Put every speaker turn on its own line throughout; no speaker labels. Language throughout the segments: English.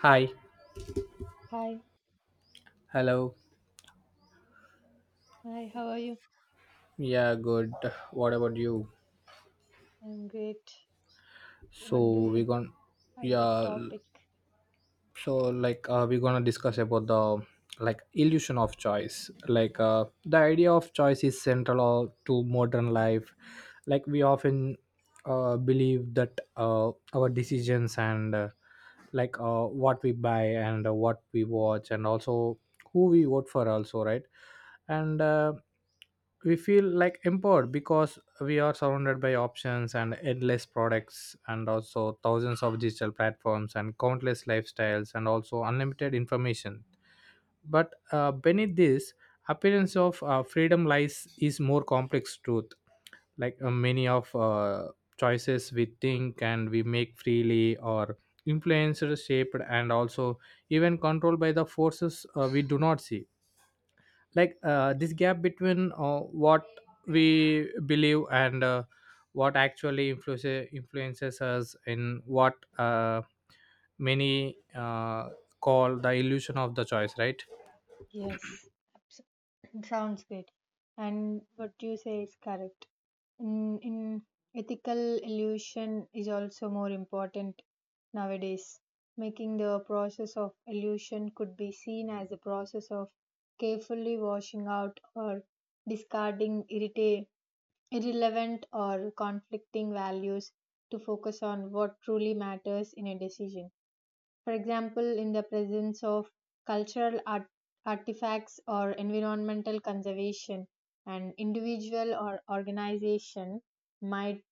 Hi.
Hi,
Hello.
hi, how are you?
Yeah, good. What about you?
I'm great. What do
So we're
you
gonna
have the
yeah
topic?
so we're gonna discuss about the illusion of choice. The idea of choice is central to modern life. Like we often believe that our decisions and what we buy and what we watch, and also who we vote for also, right? and We feel like empowered because we are surrounded by options and endless products and also thousands of digital platforms and countless lifestyles and also unlimited information, but beneath this appearance of freedom lies is more complex truth. Many of choices we think and we make freely or influenced, shaped, and also even controlled by the forces we do not see. This gap between what we believe and what actually influences us in what many call the illusion of the choice, right?
Yes, abs- sounds great. And what you say is correct. In ethical illusion is also more important nowadays. Making the process of illusion could be seen as a process of carefully washing out or discarding irrelevant or conflicting values to focus on what truly matters in a decision. For example, in the presence of cultural art- artifacts or environmental conservation, an individual or organization might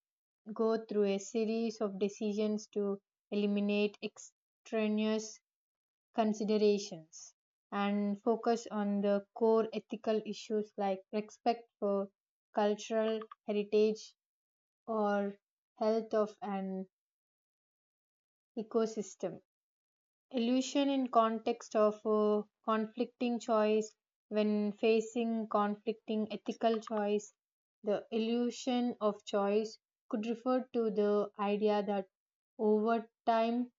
go through a series of decisions to eliminate extraneous considerations and focus on the core ethical issues like respect for cultural heritage or health of an ecosystem. Illusion in context of conflicting choice, when facing conflicting ethical choice, the illusion of choice could refer to the idea that over time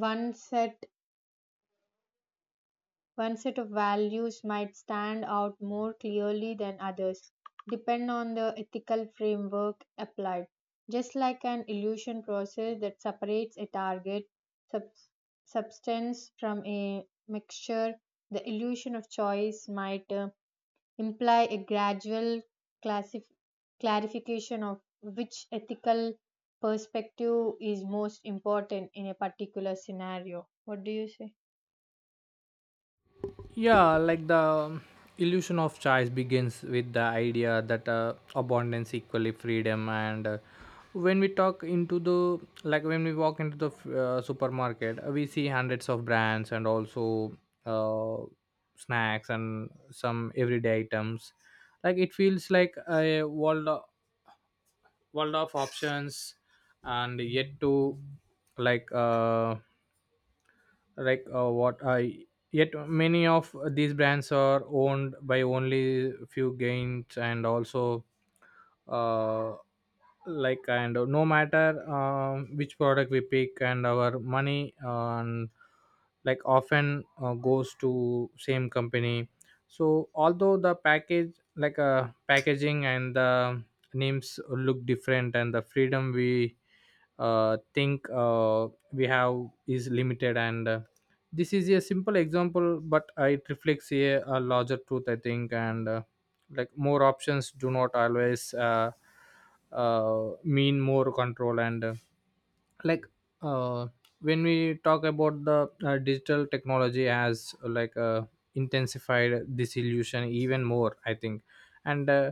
one set one set of values might stand out more clearly than others, depend on the ethical framework applied. Just like an illusion process that separates a sub- substance from a mixture, the illusion of choice might imply a gradual classif- clarification of which ethical perspective is most important in a particular scenario. What do you say?
Yeah, like the illusion of choice begins with the idea that abundance equally freedom. And when we talk into the Like when we walk into the supermarket, we see hundreds of brands and also uh, snacks and some everyday items. Like it feels like world of options, and yet to like uh, like what I yet many of these brands are owned by only few gains, and also uh, and no matter which product we pick, and our money and like often goes to same company. So although the package, packaging and the names look different, and the freedom we think we have is limited. And This is a simple example, but it reflects a larger truth, I think. And like More options do not always mean more control. And like uh, when we talk about the digital technology has intensified this illusion even more, I think. And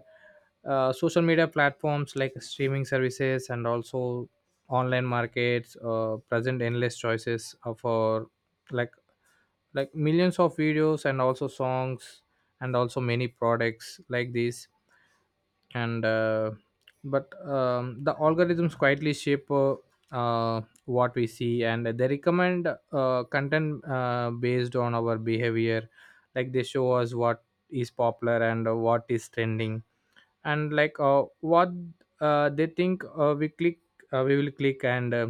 Social media platforms, like streaming services and also online markets, present endless choices of our, like like millions of videos and also songs and also many products like this. And but The algorithms quietly shape what we see, and they recommend content based on our behavior. Like they show us what is popular and what is trending, and like what they think we click we will click. And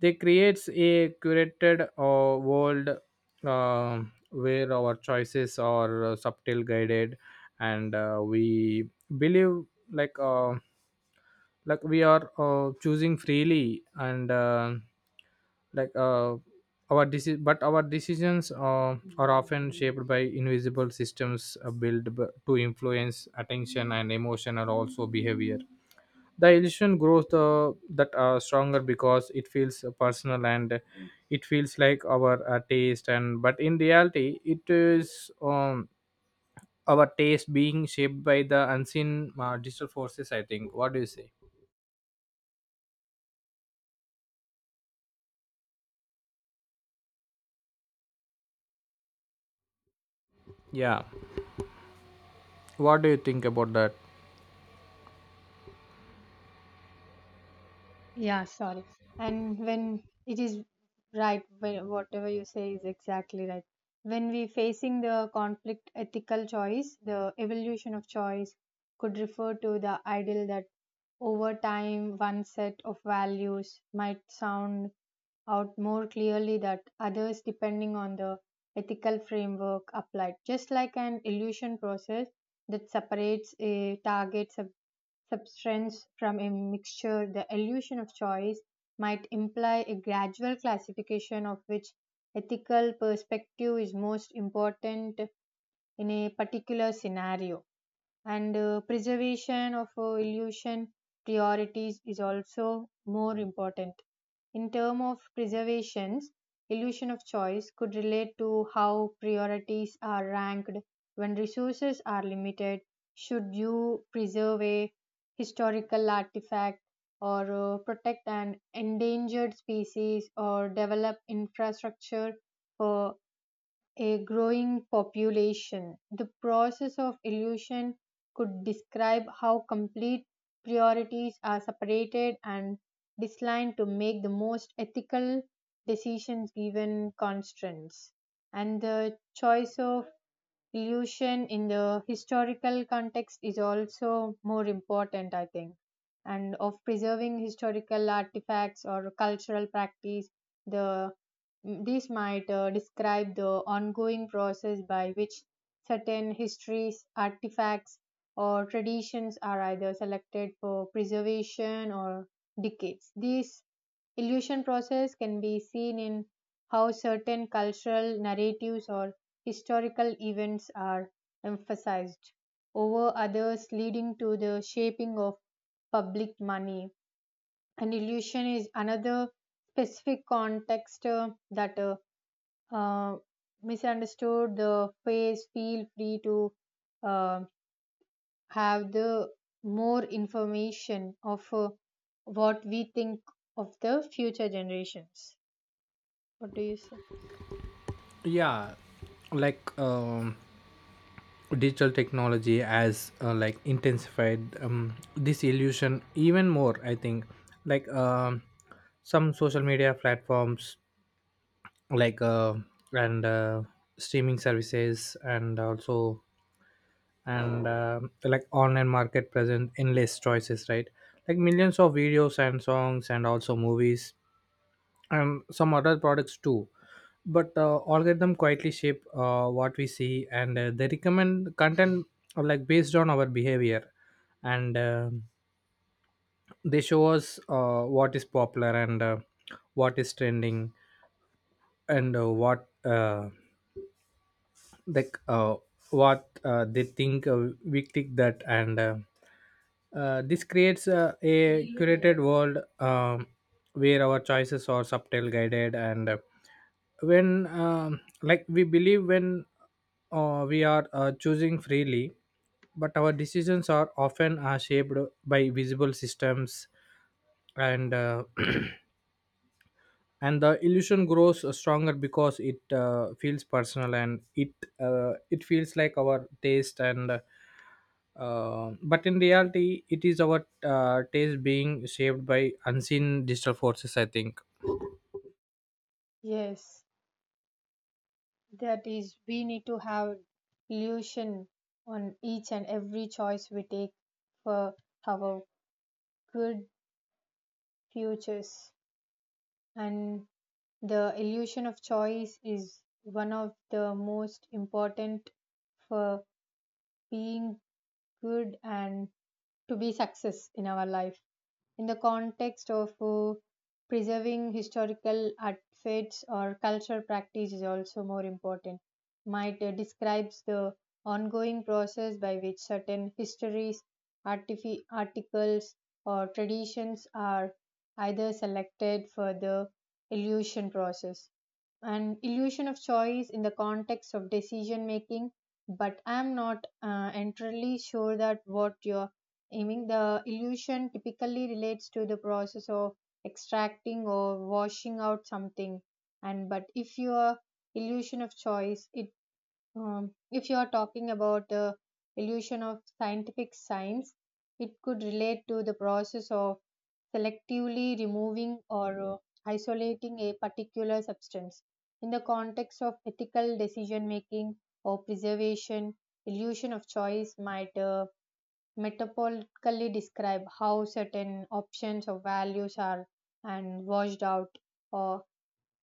They creates a curated world uh, where our choices are subtle guided, and we believe like uh, we are choosing freely. And like our deci- But our decisions are often shaped by invisible systems to influence attention and emotion and also behavior. The illusion grows the that stronger because it feels personal, and it feels like our taste, and but in reality it is our taste being shaped by the unseen digital forces, I think. What do you say? Yeah. What do you think about that?
Yeah, sorry. And when it is right, whatever you say is exactly right. When we facing the conflict ethical choice, the evolution of choice could refer to the ideal that over time one set of values might sound out more clearly that others depending on the ethical framework applied, just like an illusion process that separates a target substance from a mixture, the illusion of choice might imply a gradual classification of which ethical perspective is most important in a particular scenario. And preservation of illusion priorities is also more important. In term of preservations, illusion of choice could relate to how priorities are ranked when resources are limited. Should you preserve a historical artifact, or protect an endangered species, or develop infrastructure for a growing population? The process of illusion could describe how complete priorities are separated and designed to make the most ethical decisions given constraints. And the choice of illusion in the historical context is also more important, I think. And of preserving historical artifacts or cultural practice, the these might describe the ongoing process by which certain histories, artifacts, or traditions are either selected for preservation or decades. These illusion process can be seen in how certain cultural narratives or historical events are emphasized over others, leading to the shaping of public money. An illusion is another specific context that uh, misunderstood the face. Feel free to uh, have the more information of what we think of the future generations. What do you say?
Yeah, like digital technology has intensified this illusion even more, I think. Like some social media platforms, like and streaming services, and also and like online market present endless choices, right? Like millions of videos and songs and also movies and some other products too. But algorithm quietly shape what we see, and they recommend content based on our behavior, and they show us what is popular and what is trending, and what like what they think we click that. And This creates a curated world where our choices are subtle guided. And when like We believe when we are choosing freely, but our decisions are often shaped by visible systems and and the illusion grows stronger because it feels personal, and it it feels like our taste, and but in reality it is our taste being shaped by unseen digital forces, I think.
Yes, that is, we need to have illusion on each and every choice we take for our good futures. And the illusion of choice is one of the most important for being good and to be success in our life. In the context of preserving historical artifacts or cultural practice is also more important, might describes the ongoing process by which certain histories, articles or traditions are either selected for the illusion process, an illusion of choice in the context of decision making. But I'm not entirely sure that what you're aiming. The illusion typically relates to the process of extracting or washing out something. And but if your illusion of choice it, if you are talking about the illusion of scientific science, it could relate to the process of selectively removing or isolating a particular substance. In the context of ethical decision making or preservation, illusion of choice might metaphorically describe how certain options or values are and washed out or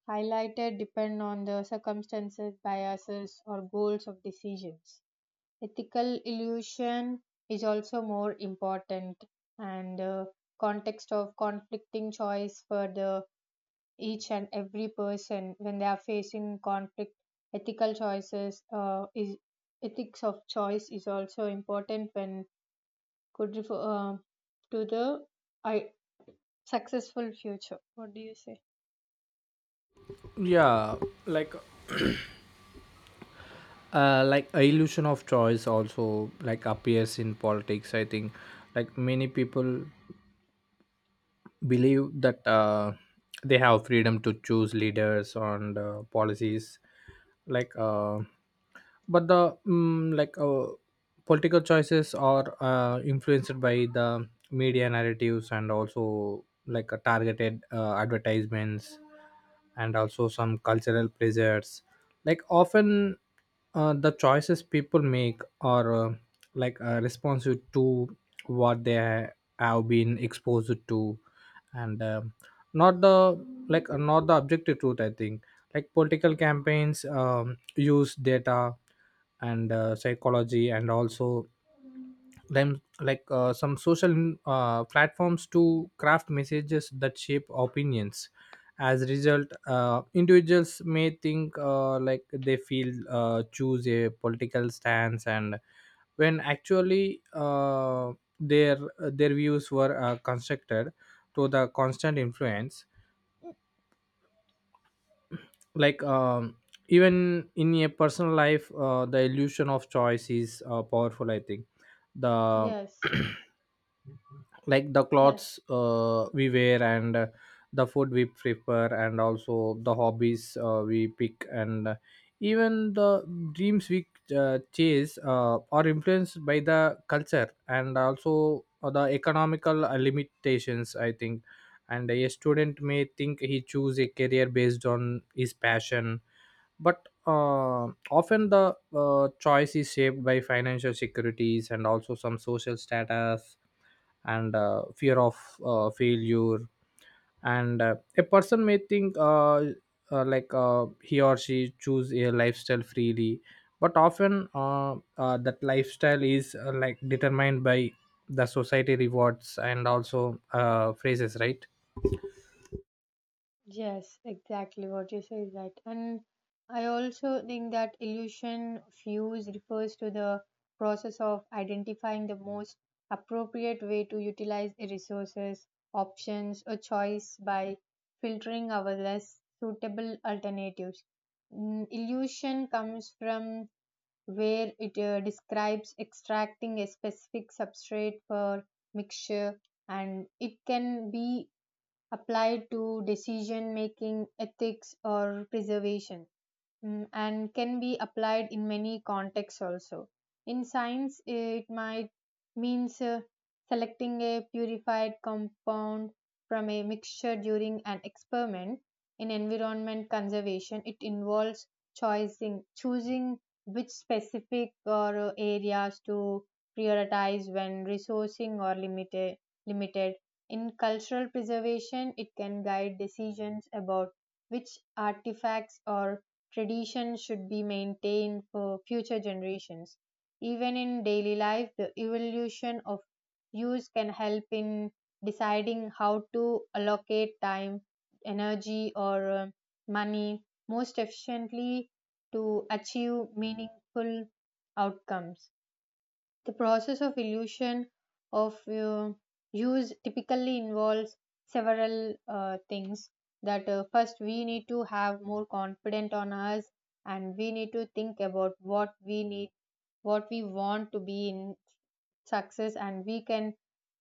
highlighted depend on the circumstances, biases, or goals of decisions. Ethical illusion is also more important, and context of conflicting choice for the each and every person when they are facing conflict ethical choices is ethics of choice is also important when could refer to the I successful future. What do you say?
Yeah, like like a illusion of choice also like appears in politics, I think. Like many people believe that they have freedom to choose leaders and policies. Like but the mm like Political choices are influenced by the media narratives, and also targeted advertisements and also some cultural pressures. Like often the choices people make are responsive to what they have been exposed to, and not the, not the objective truth, I think. Like political campaigns use data and psychology and also them like some social platforms to craft messages that shape opinions. As a result, individuals may think like they feel choose a political stance, and when actually their views were constructed to the constant influence. like um Even in a personal life the illusion of choice is powerful, I think. The
Yes,
Like the
yes.
clothes we wear, and the food we prefer, and also the hobbies we pick, and even the dreams we chase are influenced by the culture and also the economical limitations, I think. And a student may think he choose a career based on his passion, but often the choice is shaped by financial securities and also some social status and fear of failure. And a person may think he or she choose a lifestyle freely, but often that lifestyle is determined by the society rewards and also phrases, right?
Yes, exactly what you say is right. And I also think that illusion fuse refers to the process of identifying the most appropriate way to utilize the resources, options, or choice by filtering our less suitable alternatives. Illusion comes from where it describes extracting a specific substrate for mixture, and it can be applied to decision making, ethics, or preservation. And can be applied in many contexts also. In science, it might means selecting a purified compound from a mixture during an experiment. In environment conservation, it involves choosing which specific or areas to prioritize when resourcing or limited. In cultural preservation, it can guide decisions about which artifacts or tradition should be maintained for future generations. Even in daily life, the evolution of use can help in deciding how to allocate time, energy, or money most efficiently to achieve meaningful outcomes. The process of illusion of use typically involves several things. That first we need to have more confident on us, and we need to think about what we need, what we want to be in success, and we can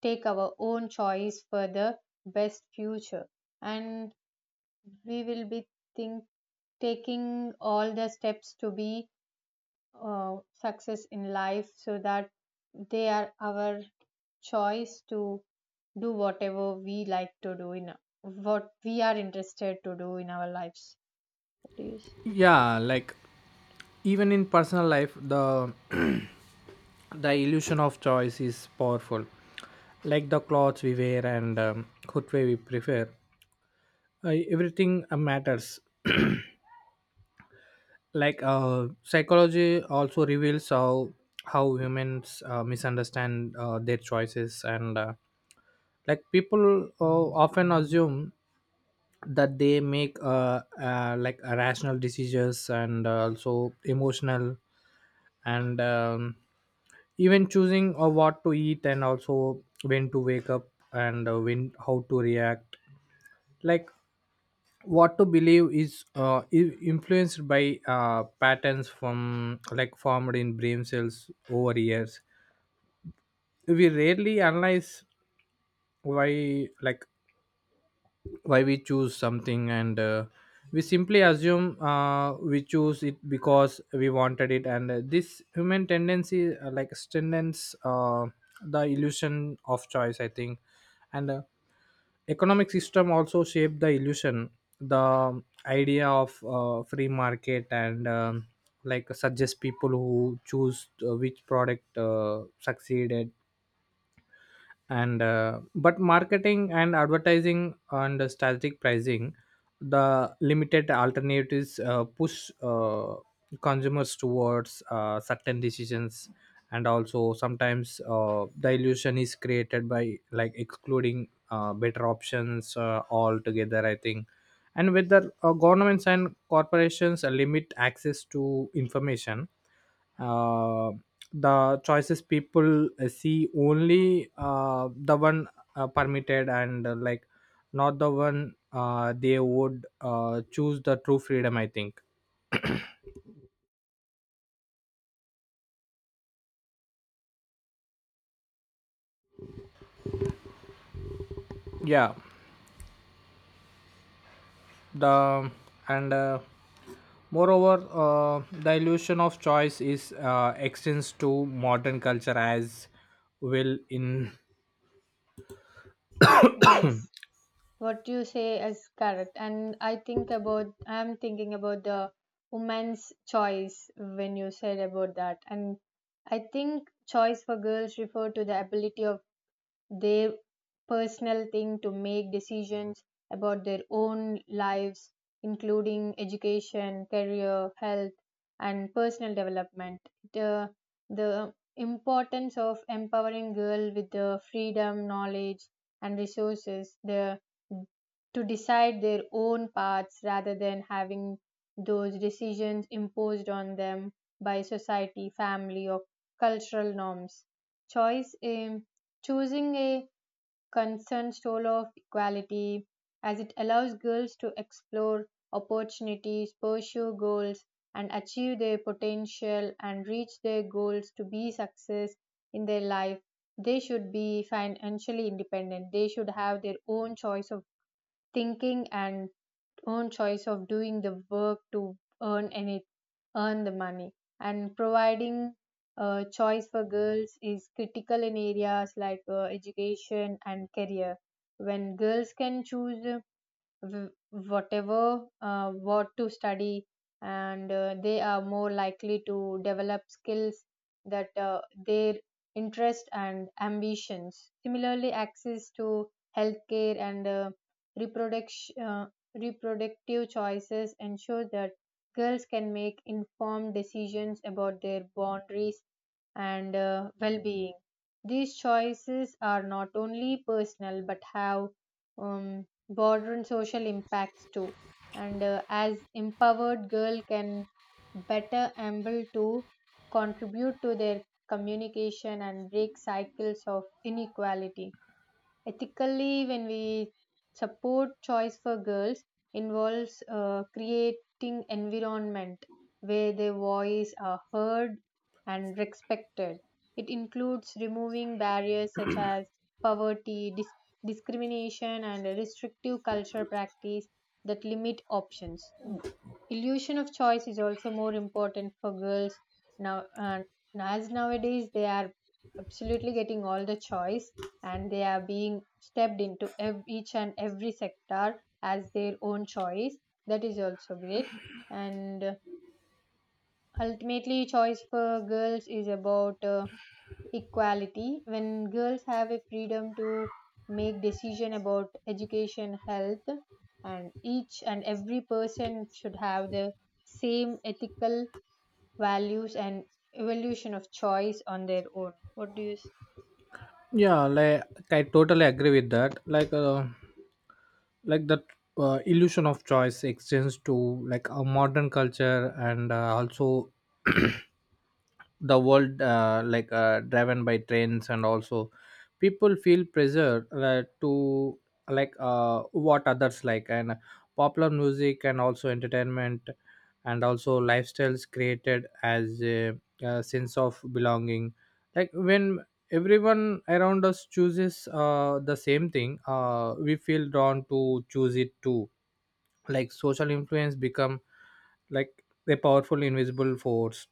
take our own choice for the best future. And we will be think taking all the steps to be success in life so that they are our choice to do whatever we like to do in what we are interested to do in our lives. What do you s-
Yeah, like even in personal life the illusion of choice is powerful, like the clothes we wear, and footwear we prefer. Everything matters. Psychology also reveals how humans misunderstand their choices, and people often assume that they make rational decisions and also emotional. And Even choosing what to eat and also when to wake up and when how to react, like what to believe is influenced by patterns from formed in brain cells over years. We rarely analyze why, why we choose something, and we simply assume we choose it because we wanted it. And This human tendency strengthens the illusion of choice, I think. And Economic system also shape the illusion. The idea of free market, and suggest people who choose which product succeeded, and but marketing and advertising and strategic pricing, the limited alternatives push consumers towards certain decisions. And also sometimes the illusion is created by excluding better options altogether, I think. And whether governments and corporations limit access to information, uh, the choices people see only the one permitted, and not the one they would choose the true freedom, I think. Yeah the and Moreover, the illusion of choice is extends to modern culture as well in.
yes, what you say is correct, and I think about, I'm thinking about the woman's choice when you said about that. And I think choice for girls refer to the ability of their personal thing to make decisions about their own lives, including education, career, health, and personal development, the, the importance of empowering girl with the freedom, knowledge, and resources, the, to decide their own paths rather than having those decisions imposed on them by society, family, or cultural norms. Choice, choosing a concern stole of equality, as it allows girls to explore opportunities, pursue goals, and achieve their potential and reach their goals to be success in their life. They should be financially independent. They should have their own choice of thinking and own choice of doing the work to earn any earn the money. And providing choice for girls is critical in areas like education and career. When girls can choose w- whatever what to study, and they are more likely to develop skills that their interest and ambitions. Similarly, access to healthcare and reproduction reproductive choices ensure that girls can make informed decisions about their boundaries and well-being. These choices are not only personal but have um, border and social impacts too, and as empowered girl can better able to contribute to their communication and break cycles of inequality. Ethically, when we support choice for girls, involves creating environment where their voice are heard and respected. It includes removing barriers such as poverty, discrimination, and restrictive cultural practice that limit options. Illusion of choice is also more important for girls now, and as nowadays they are absolutely getting all the choice and they are being stepped into each and every sector as their own choice. That is also great. And ultimately, choice for girls is about equality. When girls have a freedom to make decision about education, health, and each and every person should have the same ethical values and evolution of choice on their own. What do you s-
Yeah, like I totally agree with that. Like that Illusion of choice extends to a modern culture, and also the world driven by trends and also people feel pressure to what others like, and popular music and also entertainment and also lifestyles, created as a sense of belonging. Like when everyone around us chooses the same thing, we feel drawn to choose it too. Like social influence become like a powerful invisible force,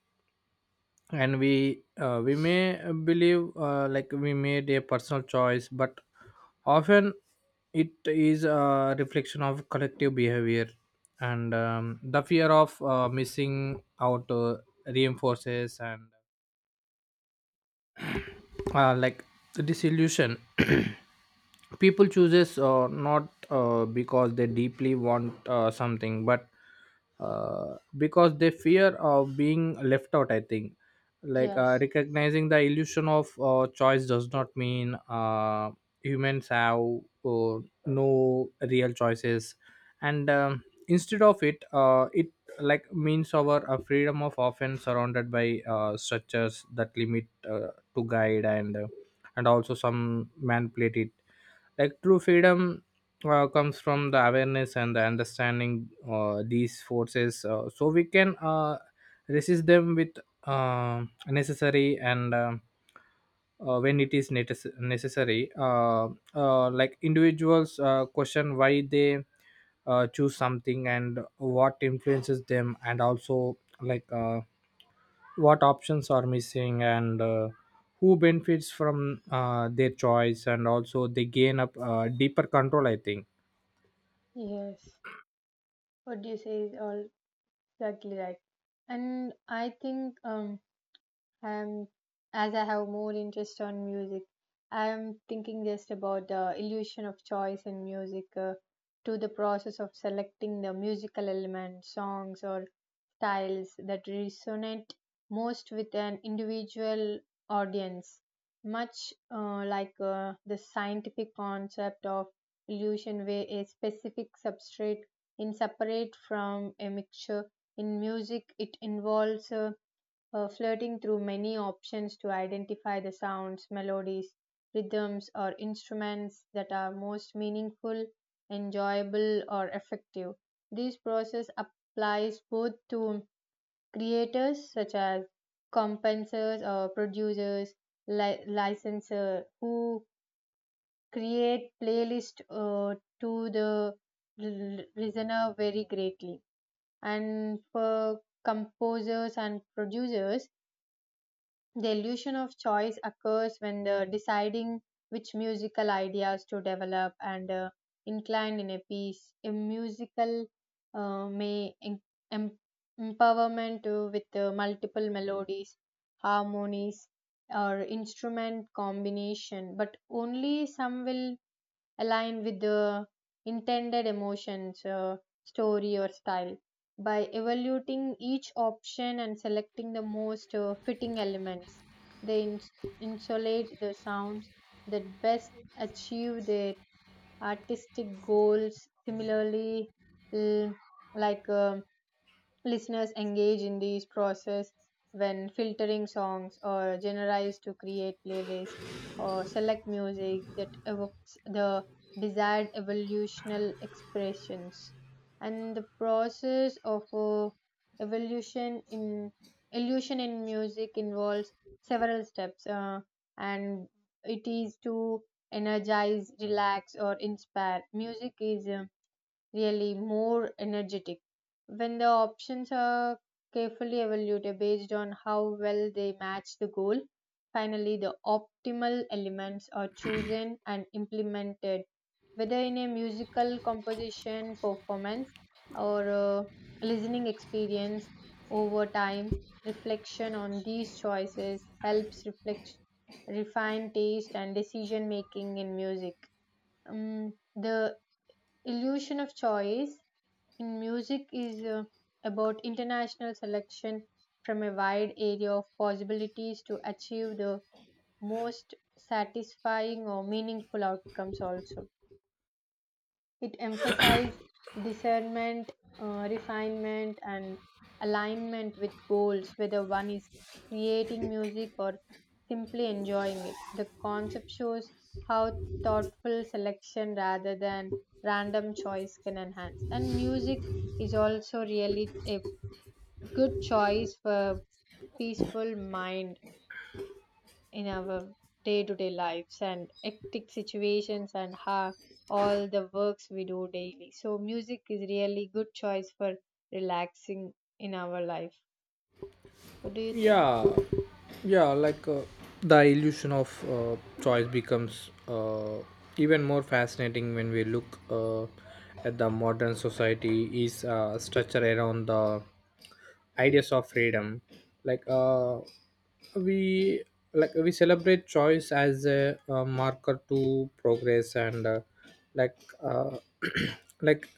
and we may believe we made a personal choice, but often it is a reflection of collective behavior. And The fear of missing out reinforces, and uh, like disillusion people chooses not because they deeply want something, but because they fear of being left out, I think.
yes,
Recognizing the illusion of choice does not mean humans have uh, no real choices, and instead of it means our freedom of often surrounded by structures that limit to guide, and also some manipulate it. Like true freedom comes from the awareness and the understanding these forces, so we can resist them with necessary, and when it is necessary. Uh, Individuals question why they choose something, and what influences them, and also what options are missing, and who benefits from their choice, and also they gain a deeper control, I think.
yes. What do you say is all exactly right. and I think Um, as I have more interest on music, I am thinking just about the illusion of choice in music to the process of selecting the musical elements, songs, or styles that resonate most with an individual audience. Much the scientific concept of illusion, where a specific substrate is separate from a mixture. In music, it involves flirting through many options to identify the sounds, melodies, rhythms, or instruments that are most meaningful, enjoyable, or effective. This process applies both to creators such as compensers or producers, licensor who create playlist to the listener very greatly, and for composers and producers, the illusion of choice occurs when the deciding which musical ideas to develop and incline in a piece. A musical uh, may em- em- empowerment with multiple melodies, harmonies, or instrument combination, but only some will align with the intended emotions, story, or style. By evaluating each option and selecting the most fitting elements, they insulate the sounds that best achieve their artistic goals. Similarly, l- like um, listeners engage in these process when filtering songs or generalize to create playlists or select music that evokes the desired evolutional expressions. And the process of evolution in illusion in music involves several steps, and it is to energize, relax, or inspire. Music is really more energetic. When the options are carefully evaluated based on how well they match the goal, finally, the optimal elements are chosen and implemented, whether in a musical composition, performance, or a listening experience over time. Reflection on these choices helps reflect, refine taste and decision making in music. The illusion of choice in music is about international selection from a wide area of possibilities to achieve the most satisfying or meaningful outcomes. Also, it emphasized discernment, refinement, and alignment with goals, whether one is creating music or simply enjoying it. The concept shows how thoughtful selection rather than random choice can enhance. And music is also really a good choice for peaceful mind in our day-to-day lives and hectic situations and ha all the works we do daily, so music is really good choice for relaxing in our life. What do you think?
Yeah. Yeah, like the illusion of choice becomes even more fascinating when we look at the modern society is structured around the ideas of freedom. like uh, we we celebrate choice as a marker to progress, and like uh, like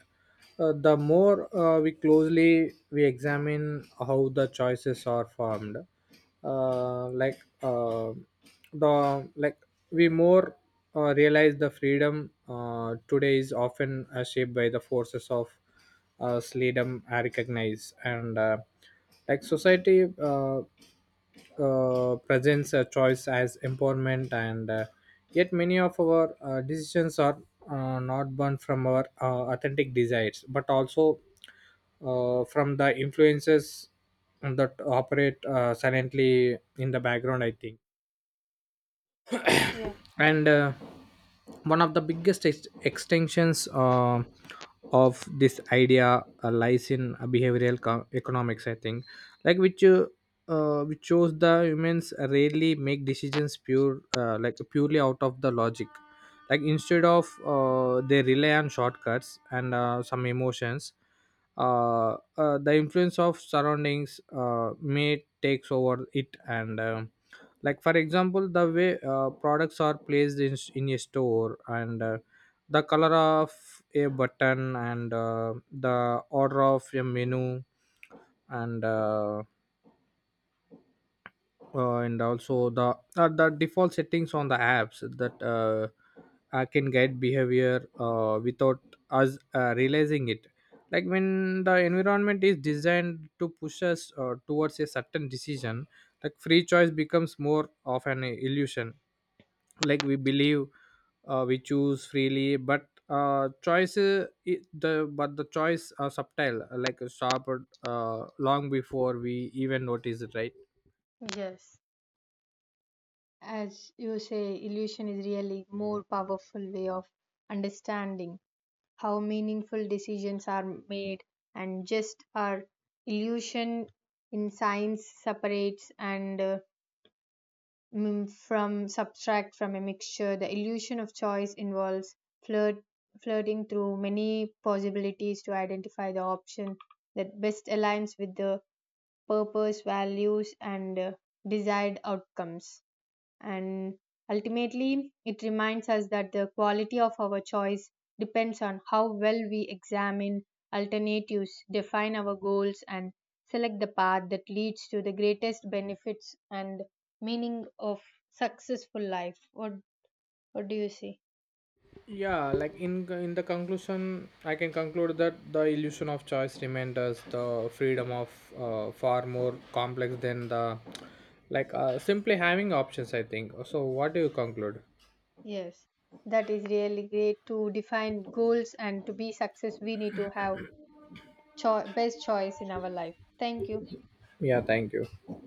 the more we closely we examine how the choices are formed, like the like we more realize the freedom today is often shaped by the forces of freedom I recognize, and society presents a choice as empowerment, and yet many of our decisions are not born from our authentic desires, but also from the influences that operate silently in the background, I think.
Yeah.
And One of the biggest extensions of this idea lies in behavioral economics, I think. like which uh, which shows the humans rarely make decisions purely out of the logic. Like instead of they rely on shortcuts and some emotions. The influence of surroundings may takes over it. And Like for example the way products are placed in a store, and the color of a button, and the order of a menu, and also the default settings on the apps that can guide behavior without us realizing it. Like when the environment is designed to push us towards a certain decision, free choice becomes more of an illusion. Like we believe we choose freely, but choice I- the but the choice are subtle a sharp long before we even notice it, right?
Yes. As you say, illusion is really more powerful way of understanding how meaningful decisions are made. And just our illusion in science separates and from subtract from a mixture. The illusion of choice involves flirt, flirting through many possibilities to identify the option that best aligns with the purpose, values, and desired outcomes. And ultimately, it reminds us that the quality of our choice depends on how well we examine alternatives, define our goals, and select the path that leads to the greatest benefits and meaning of successful life. What do you see?
Yeah, like in the conclusion, I can conclude that the illusion of choice remained us the freedom of far more complex than the simply having options, I think. So what do you conclude?
Yes, that is really great. To define goals and to be success, we need to have best choice in our life. Thank you.
Yeah, thank you.